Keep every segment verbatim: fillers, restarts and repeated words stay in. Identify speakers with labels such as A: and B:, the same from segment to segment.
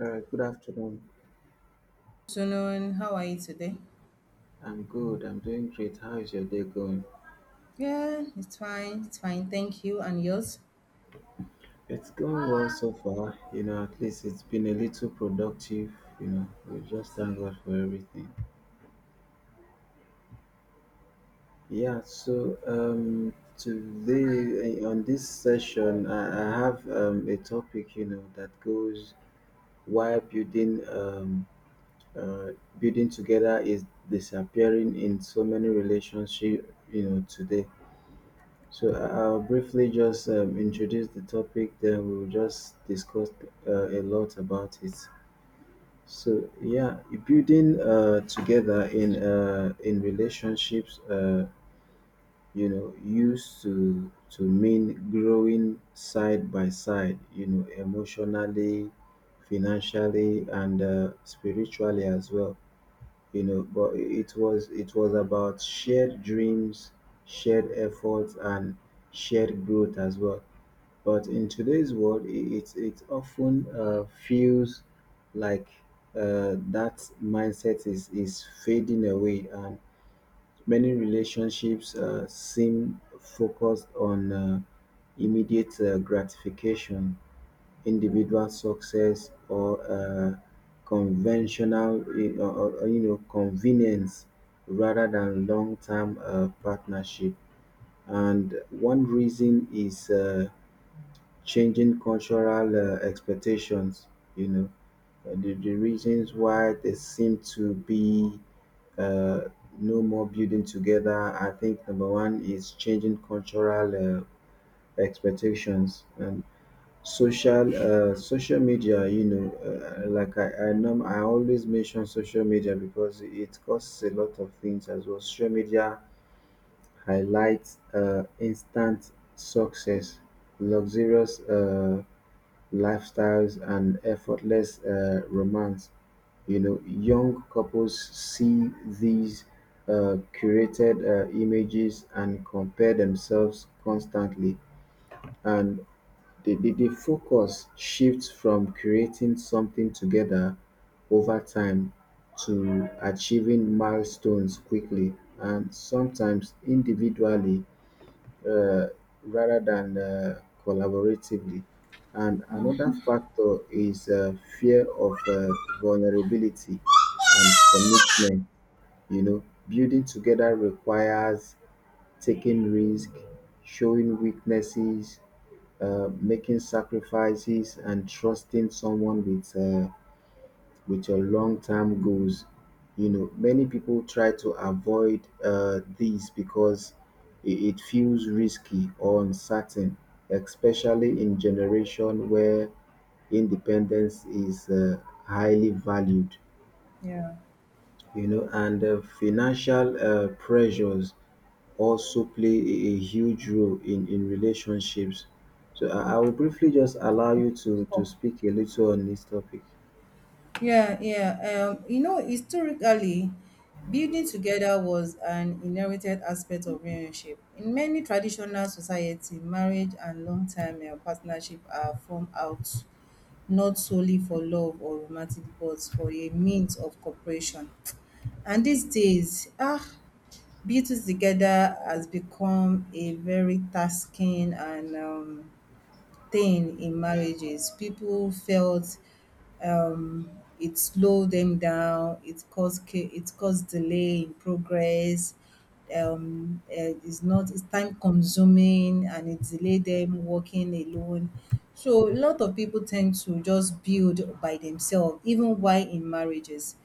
A: All right, good afternoon.
B: Afternoon. How are you today?
A: I'm good. I'm doing great. How is your day going?
B: Yeah, it's fine. It's fine. Thank you. And yours?
A: It's going well so far. You know, at least it's been a little productive. You know, we just thank God for everything. Yeah, so um, Today eh, on this session, I, I have um, a topic, you know, that goes why building um, uh, building together is disappearing in so many relationship, you know, today. So I- I'll briefly just um, introduce the topic, then we'll just discuss uh, a lot about it. So yeah, Building uh, together in uh, in relationships, uh, you know, used to to mean growing side by side, you know, emotionally, financially, and uh, spiritually as well. You know, but it was it was about shared dreams, shared efforts, and shared growth as well. But in today's world, i- it it often uh, feels like uh, that mindset is is fading away, and many relationships uh, seem focused on uh, immediate uh, gratification, individual success, or uh, conventional, uh, or, or, you know, convenience, rather than long-term uh, partnership. And one reason is. Uh, changing cultural uh, expectations, you know, uh, the, the reasons why there seem to be uh, no more building together. I think number one is changing cultural uh, expectations and social uh, social media. You know, uh, like I I, norm- I always mention social media because it causes a lot of things as well. Social media highlights uh, instant success, luxurious. Uh, lifestyles and effortless uh, romance. You know, young couples see these uh, curated uh, images and compare themselves constantly, and the, the, the focus shifts from creating something together over time to achieving milestones quickly and sometimes individually uh, rather than uh, collaboratively. And another factor is uh, fear of uh, vulnerability and commitment. You know, building together requires taking risk, showing weaknesses, uh, making sacrifices, and trusting someone with uh, with your long-term goals. You know, many people try to avoid uh, these because it, it feels risky or uncertain, especially in generation where independence is uh, highly valued.
B: Yeah.
A: You know, and uh, financial uh, pressures also play a, a huge role in, in relationships. So I, I will briefly just allow you to, to
B: So,
A: speak a little on this topic.
B: Yeah, yeah. Um, you know, historically, building together was an inherited aspect of relationship. In many traditional society, marriage and long-term uh, partnership are formed out not solely for love or romantic, but for a means of cooperation. And these days, ah, Beauty Together has become a very tasking and um, thing in marriages. People felt um, it slowed them down. It caused ca- it caused delay in progress. um, uh, it's not, it's time consuming, and it delayed them working alone. So a lot of people tend to just build by themselves even while in marriages.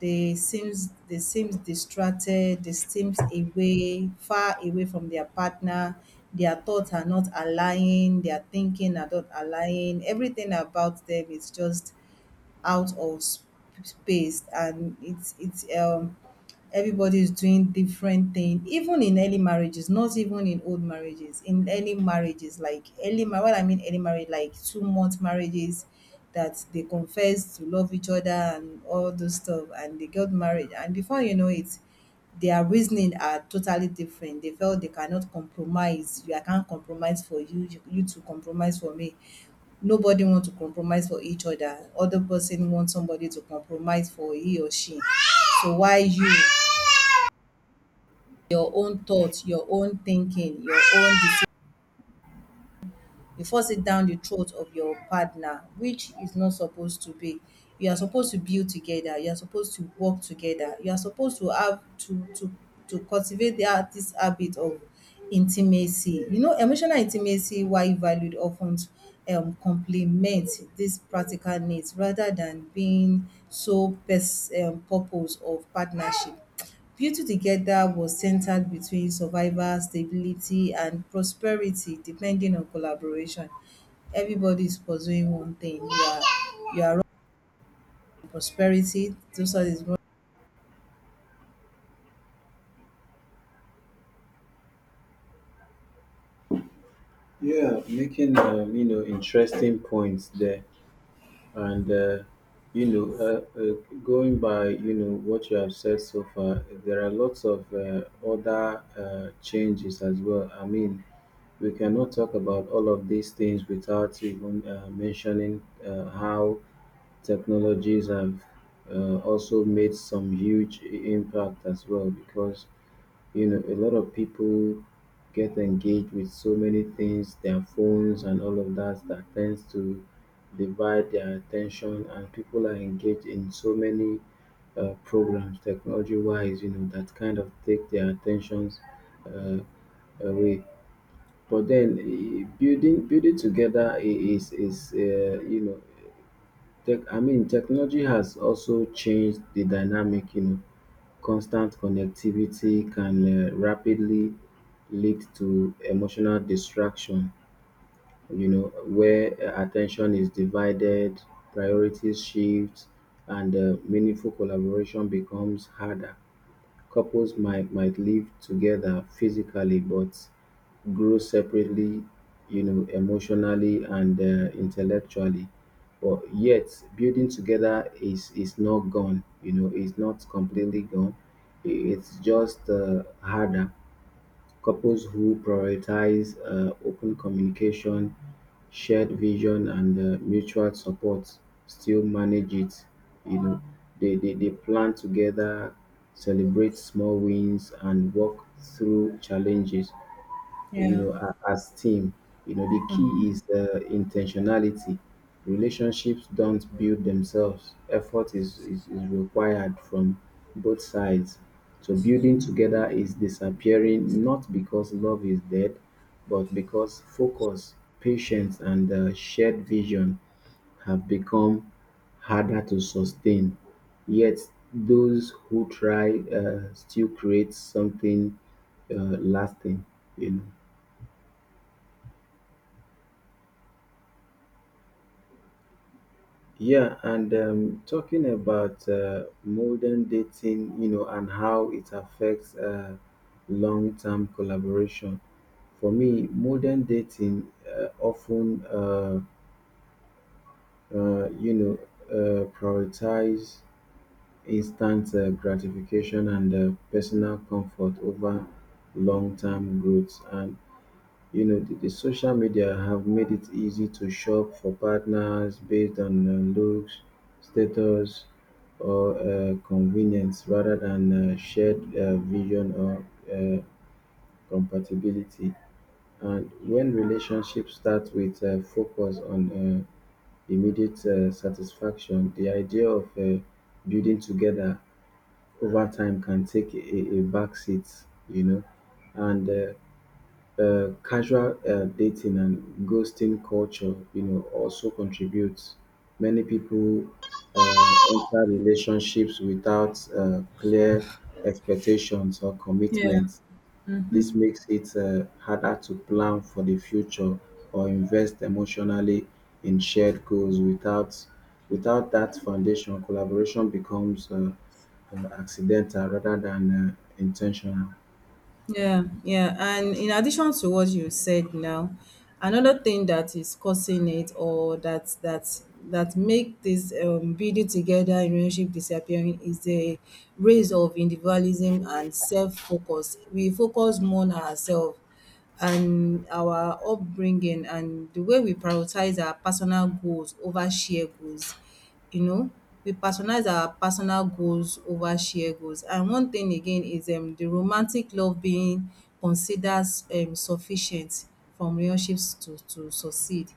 B: They seems they seems distracted, they seems away, far away from their partner. Their thoughts are not aligning, their thinking are not aligning. Everything about them is just out of sp- space, and it's it's um everybody is doing different thing. Even in early marriages, not even in old marriages, in early marriages, like early mar- what I mean, early marriage, like two month marriages that they confess to love each other and all those stuff, and they got married. And before you know it, their reasoning are totally different. They felt they cannot compromise. You, I can't compromise for you, you, you to compromise for me. Nobody want to compromise for each other. Other person want somebody to compromise for he or she. So why you your own thoughts, your own thinking, your own decision? You force it down the throat of your partner, which is not supposed to be. You are supposed to build together, you are supposed to work together, you are supposed to have to to to cultivate that this habit of intimacy. You know, emotional intimacy, while valued, often um, complement these practical needs rather than being so pers- um, purpose of partnership. Beauty Together was centered between survival, stability, and prosperity, depending on collaboration. Everybody is pursuing one thing. You are, you are running prosperity. Those are is,
A: Yeah, making um, you know interesting points there, and uh, you know uh, uh, going by you know what you have said so far, there are lots of uh, other uh, changes as well. I mean, we cannot talk about all of these things without even uh, mentioning uh, how technologies have uh, also made some huge i- impact as well, because you know a lot of people get engaged with so many things, their phones and all of that, that tends to divide their attention, and people are engaged in so many uh, programs technology wise, you know, that kind of take their attentions uh, away. But then eh, building building together i- is is uh, you know, tech i mean technology has also changed the dynamic, you know. Constant connectivity can uh, rapidly lead to emotional distraction, you know, where uh, attention is divided, priorities shift, and uh, meaningful collaboration becomes harder. Couples might might live together physically but grow separately, you know, emotionally and uh, intellectually. But yet building together is is not gone, you know, it's not completely gone. I- it's just uh, harder. Couples who prioritize uh, open communication, shared vision, and uh, mutual support still manage it. You know, they, they, they plan together, celebrate small wins, and work through challenges, you
B: yeah.
A: know, a- as team. You know, the key is uh, intentionality. Relationships don't build themselves. Effort is, is, is required from both sides. So building together is disappearing not because love is dead, but because focus, patience, and uh, shared vision have become harder to sustain. Yet those who try uh, still create something uh, lasting. You know. Yeah, and um, Talking about uh, modern dating, you know, and how it affects uh, long-term collaboration. For me, modern dating uh, often, uh, uh, you know, uh, prioritize instant uh, gratification and uh, personal comfort over long-term growth. And you know, the, the social media have made it easy to shop for partners based on uh, looks, status, or uh, convenience rather than uh, shared uh, vision or uh, compatibility. And when relationships start with uh, focus on uh, immediate uh, satisfaction, the idea of uh, building together over time can take a, a back seat, you know. And uh, uh, casual uh, dating and ghosting culture, you know, also contributes. Many people uh, enter relationships without uh, clear expectations or
B: Yeah.
A: commitments. This makes it uh, harder to plan for the future or invest emotionally in shared goals. Without without that foundation, collaboration becomes uh, uh, accidental rather than uh, intentional.
B: Yeah, yeah. And in addition to what you said now, another thing that is causing it, or that that that make this um, building together in relationship disappearing, is the rise of individualism and self-focus. We focus more on ourselves and our upbringing, and the way we prioritize our personal goals over shared goals. You know, we personalize our personal goals over shared goals. And one thing again is um, the romantic love being considered um, sufficient from relationships to, to succeed.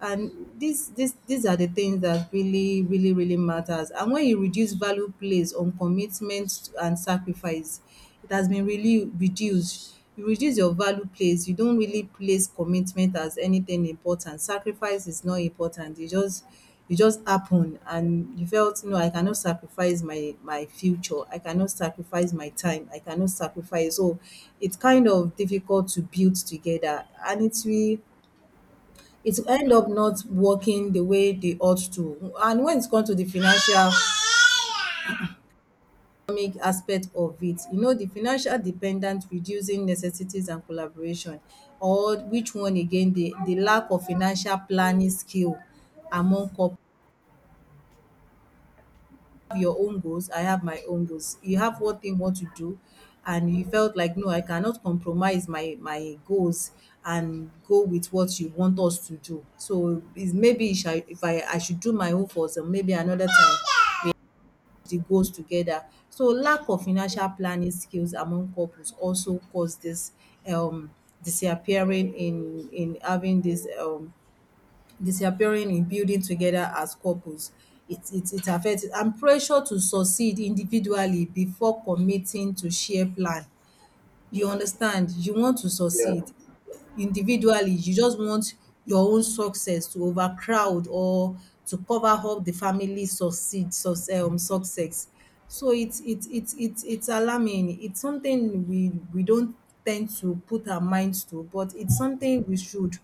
B: And these these these are the things that really really really matters. And when you reduce value placed on commitment and sacrifice, it has been really reduced. You reduce your value place. You don't really place commitment as anything important. Sacrifice is not important. It just it just happen, and you felt no, I cannot sacrifice my my future, I cannot sacrifice my time, I cannot sacrifice. So it's kind of difficult to build together, and it's really, it will end up not working the way they ought to. And when it comes to the financial economic aspect of it, you know the financial dependent reducing necessities and collaboration, or which one again, the the lack of financial planning skill among couples. Have your own goals, I have my own goals. You have what thing want to do, and you felt like no, I cannot compromise my my goals and go with what you want us to do. So is maybe if I if I I should do my own first, and maybe another time we have the goals together. So lack of financial planning skills among couples also cause this um disappearing in in having this um disappearing in building together as couples. It it it affects, and pressure to succeed individually before committing to share plan. You understand? You want to
A: Yeah.
B: succeed individually, you just want your own success to overcrowd or to cover up the family succeed suc um success. So it's it's it's it's it's alarming. It's something we we don't tend to put our minds to, but it's something we should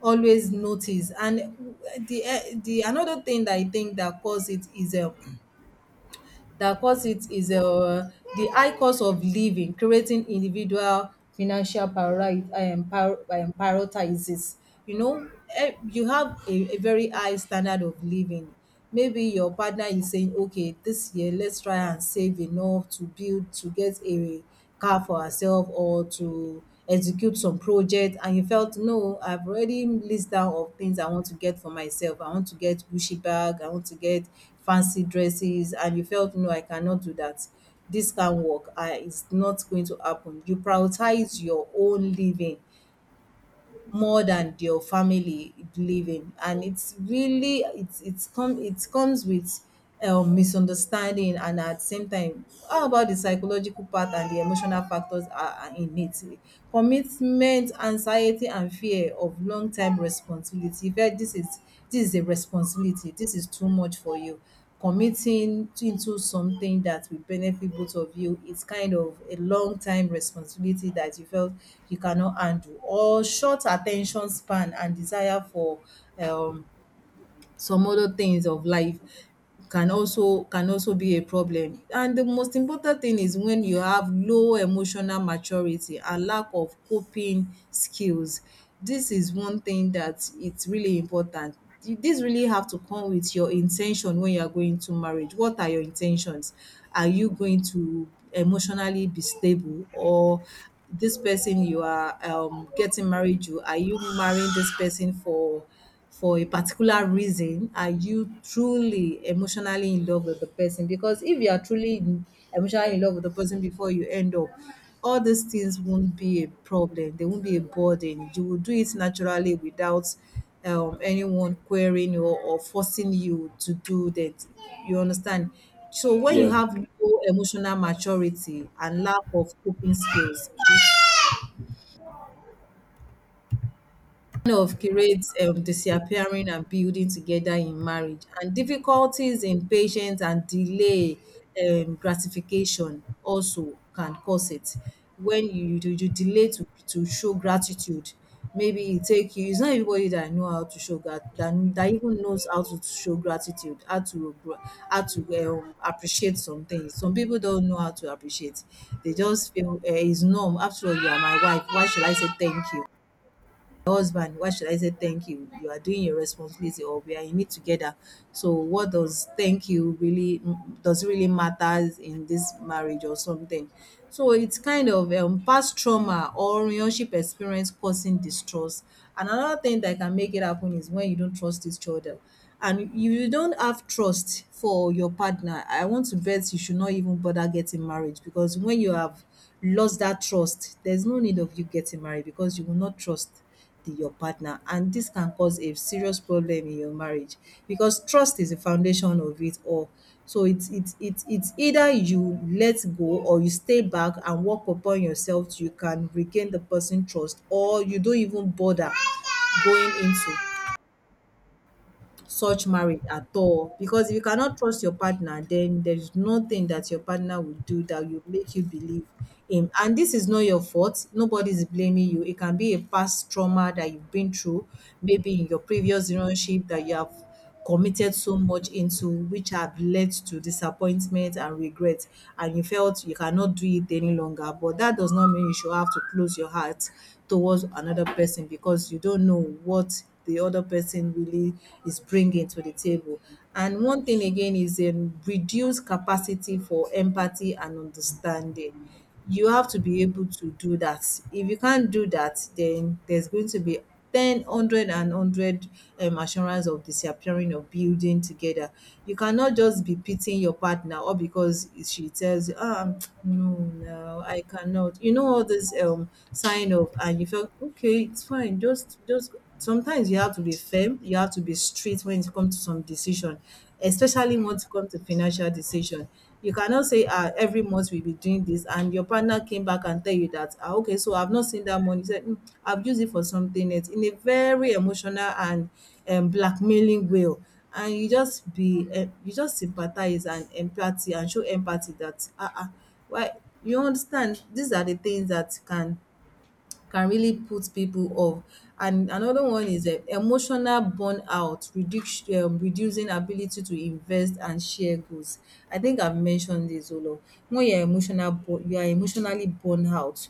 B: always notice. And uh, the eh, the another thing that I think that cause it is um that cause it is um the high cost of living, creating individual financial priori um prio um prioritizes. You know, um you have a a very high standard of living. Maybe your partner is saying, okay, this year let's try and save enough to build to get a car for herself, or to execute some project. And you felt no, I've already list down of things I want to get for myself. I want to get gucci bag, I want to get fancy dresses. And you felt no, I cannot do that, this can't work. I It's not going to happen. You prioritize your own living more than your family living. And it's really, it's it's come it comes with um, misunderstanding. And at the same time, how about the psychological part and the emotional factors are, are in it? Commitment anxiety and fear of long term responsibility. If eh, this is this is a responsibility, this is too much for you. Committing into something that will benefit both of you is kind of a long time responsibility that you felt you cannot handle. Or short attention span and desire for um some other things of life can also, can also be a problem. And the most important thing is when you have low emotional maturity and lack of coping skills. This is one thing that it's really important. This really have to come with your intention. When you are going to marriage, what are your intentions? Are you going to emotionally be stable? Or this person you are um getting married to, are you marrying this person for for a particular reason? Are you truly emotionally in love with the person? Because if you are truly in- emotionally in love with the person before you end up, all these things won't be a problem, they won't be a burden. You will do it naturally without um, anyone querying you or forcing you to do that. You understand? So when you
A: Yeah.
B: have low emotional maturity and lack of coping skills of creates um, disappearing and building together in marriage, and difficulties in patience and delay um, gratification also can cause it. When you you you delay to to show gratitude. Maybe it take you, it's not everybody that know how to show grat that that even knows how to show gratitude. How to gra how to um appreciate some things. Some people don't know how to appreciate. They just feel um it's norm. After all, you are my wife, why should I say thank you? Husband, why should I say thank you? You are doing your responsibility, or we are in it together. So what does thank you really, mm, does it really matters in this marriage or something? So it's kind of um, past trauma or relationship experience causing distrust. And another thing that can make it happen is when you don't trust each other. And you you don't have trust for your partner. I want to bet you should not even bother getting married, because when you have lost that trust, there's no need of you getting married, because you will not trust the your partner. And this can cause a serious problem in your marriage, because trust is the foundation of it all. So it's it's it's it's either you let go or you stay back and work upon yourself till you can regain the person trust, or you don't even bother going into such marriage at all. Because if you cannot trust your partner, then there is nothing that your partner will do that will make you believe him. And this is not your fault, nobody is blaming you. It can be a past trauma that you've been through, maybe in your previous relationship, that you have committed so much into, which have led to disappointment and regret, and you felt you cannot do it any longer. But that does not mean you should have to close your heart towards another person, because you don't know what the other person really is bringing to the table. And one thing again is um, reduced capacity for empathy and understanding. You have to be able to do that. If you can't do that, then there's going to be ten, hundred, and hundred one hundred um, assurance of disappearing or building together. You cannot just be pitying your partner, or because she tells you, ah, no, no, I cannot. You know all this um, sign of, and you feel, okay, it's fine, just, just sometimes you have to be firm, you have to be strict when it comes to some decision, especially when it comes to financial decision. You cannot say, ah, every month we be doing this, and your partner came back and tell you that, ah, okay, so I've not seen that money. You said, mm, I've used it for something else in a very emotional and um, blackmailing way. And you just be, uh, you just sympathize and empathy and show empathy that, ah, ah, why? You understand? These are the things that can can really put people off. And another one is um emotional burnout, reduc- um reducing ability to invest and share goals. I think I've mentioned this a lot. When you're emotional, bu- you are emotionally burned out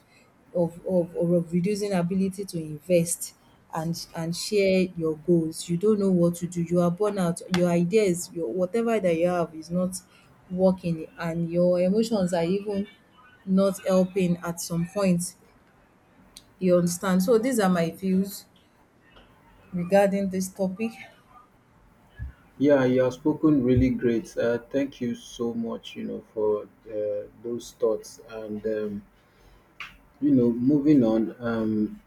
B: of, of or of reducing ability to invest and and share your goals. You don't know what to do. You are burned out. Your ideas, your whatever that you have is not working, and your emotions are even not helping at some point. You understand? So these are my views regarding this topic.
A: Yeah, you have spoken really great. Uh, thank you so much, you know, for uh, those thoughts. And um, you know, moving on, um,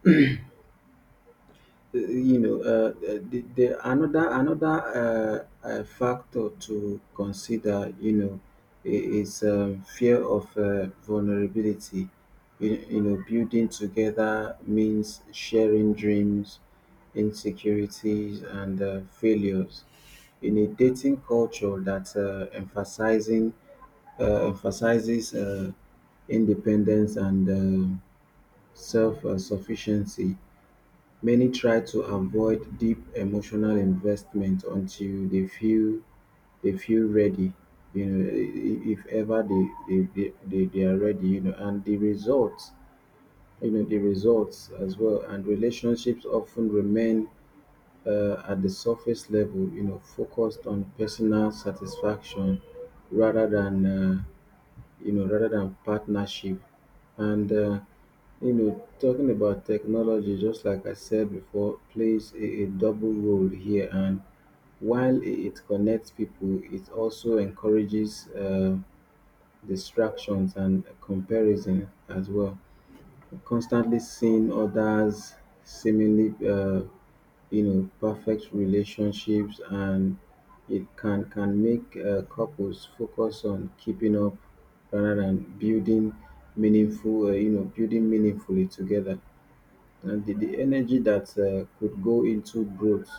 A: uh, you know, uh, uh, the, the another another uh, uh, factor to consider, you know, i- is um, fear of uh, vulnerability. You, you know, building together means sharing dreams, insecurities, and uh, failures. In a dating culture that uh, emphasizing uh, emphasizes uh, independence and uh, self-sufficiency, many try to avoid deep emotional investment until they feel they feel ready, you know, i- if ever they they, they, they they are ready, you know, and the results, you know, the results as well, and relationships often remain uh, at the surface level, you know, focused on personal satisfaction rather than, uh, you know, rather than partnership. And uh, you know, talking about technology, just like I said before, plays a, a double role here. And while i- it connects people, it also encourages uh, distractions and comparison as well. Constantly seeing others seemingly, uh, you know, perfect relationships, and it can can make uh, couples focus on keeping up rather than building meaningful, uh, you know, building meaningfully together. And the, the energy that uh, could go into growth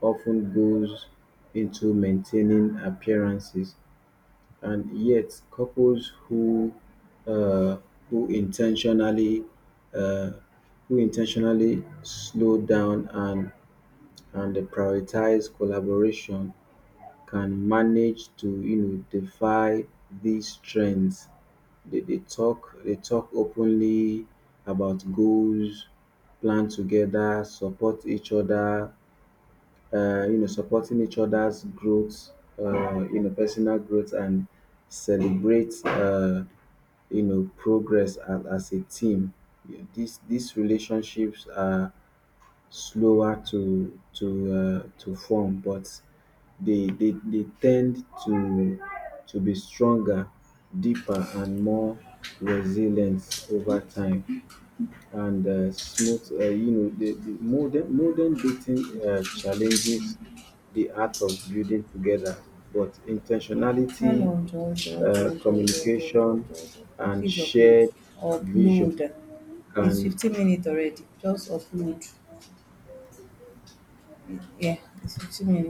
A: often goes into maintaining appearances, and yet couples who uh, who intentionally uh, who intentionally slow down and and prioritize collaboration can manage to, you know, defy these trends. They, they talk they talk openly about goals, plan together, support each other, uh, you know, supporting each other's growth, uh, you know, personal growth, and celebrate uh, you know progress as, as a team. Yeah, These these relationships are slower to to uh, to form, but they, they they tend to to be stronger, deeper, and more resilient over time. And uh, smooth, uh, you know, the, the modern modern dating uh, challenges the art of building together, but
B: No, no,
A: intentionality,
B: jọ̀ọ́ jọ̀ọ́
A: uh,
B: jọ̀ọ́ jọ̀ọ́ jọ̀ọ́ jọ̀ọ́ jọ̀ọ́
A: communication,
B: jọ̀ọ́ jọ̀ọ́.
A: and
B: Please upload.
A: shared vision
B: Upload. It's
A: can
B: fifteen minutes already. Just upload. Yeah, it's fifteen minutes.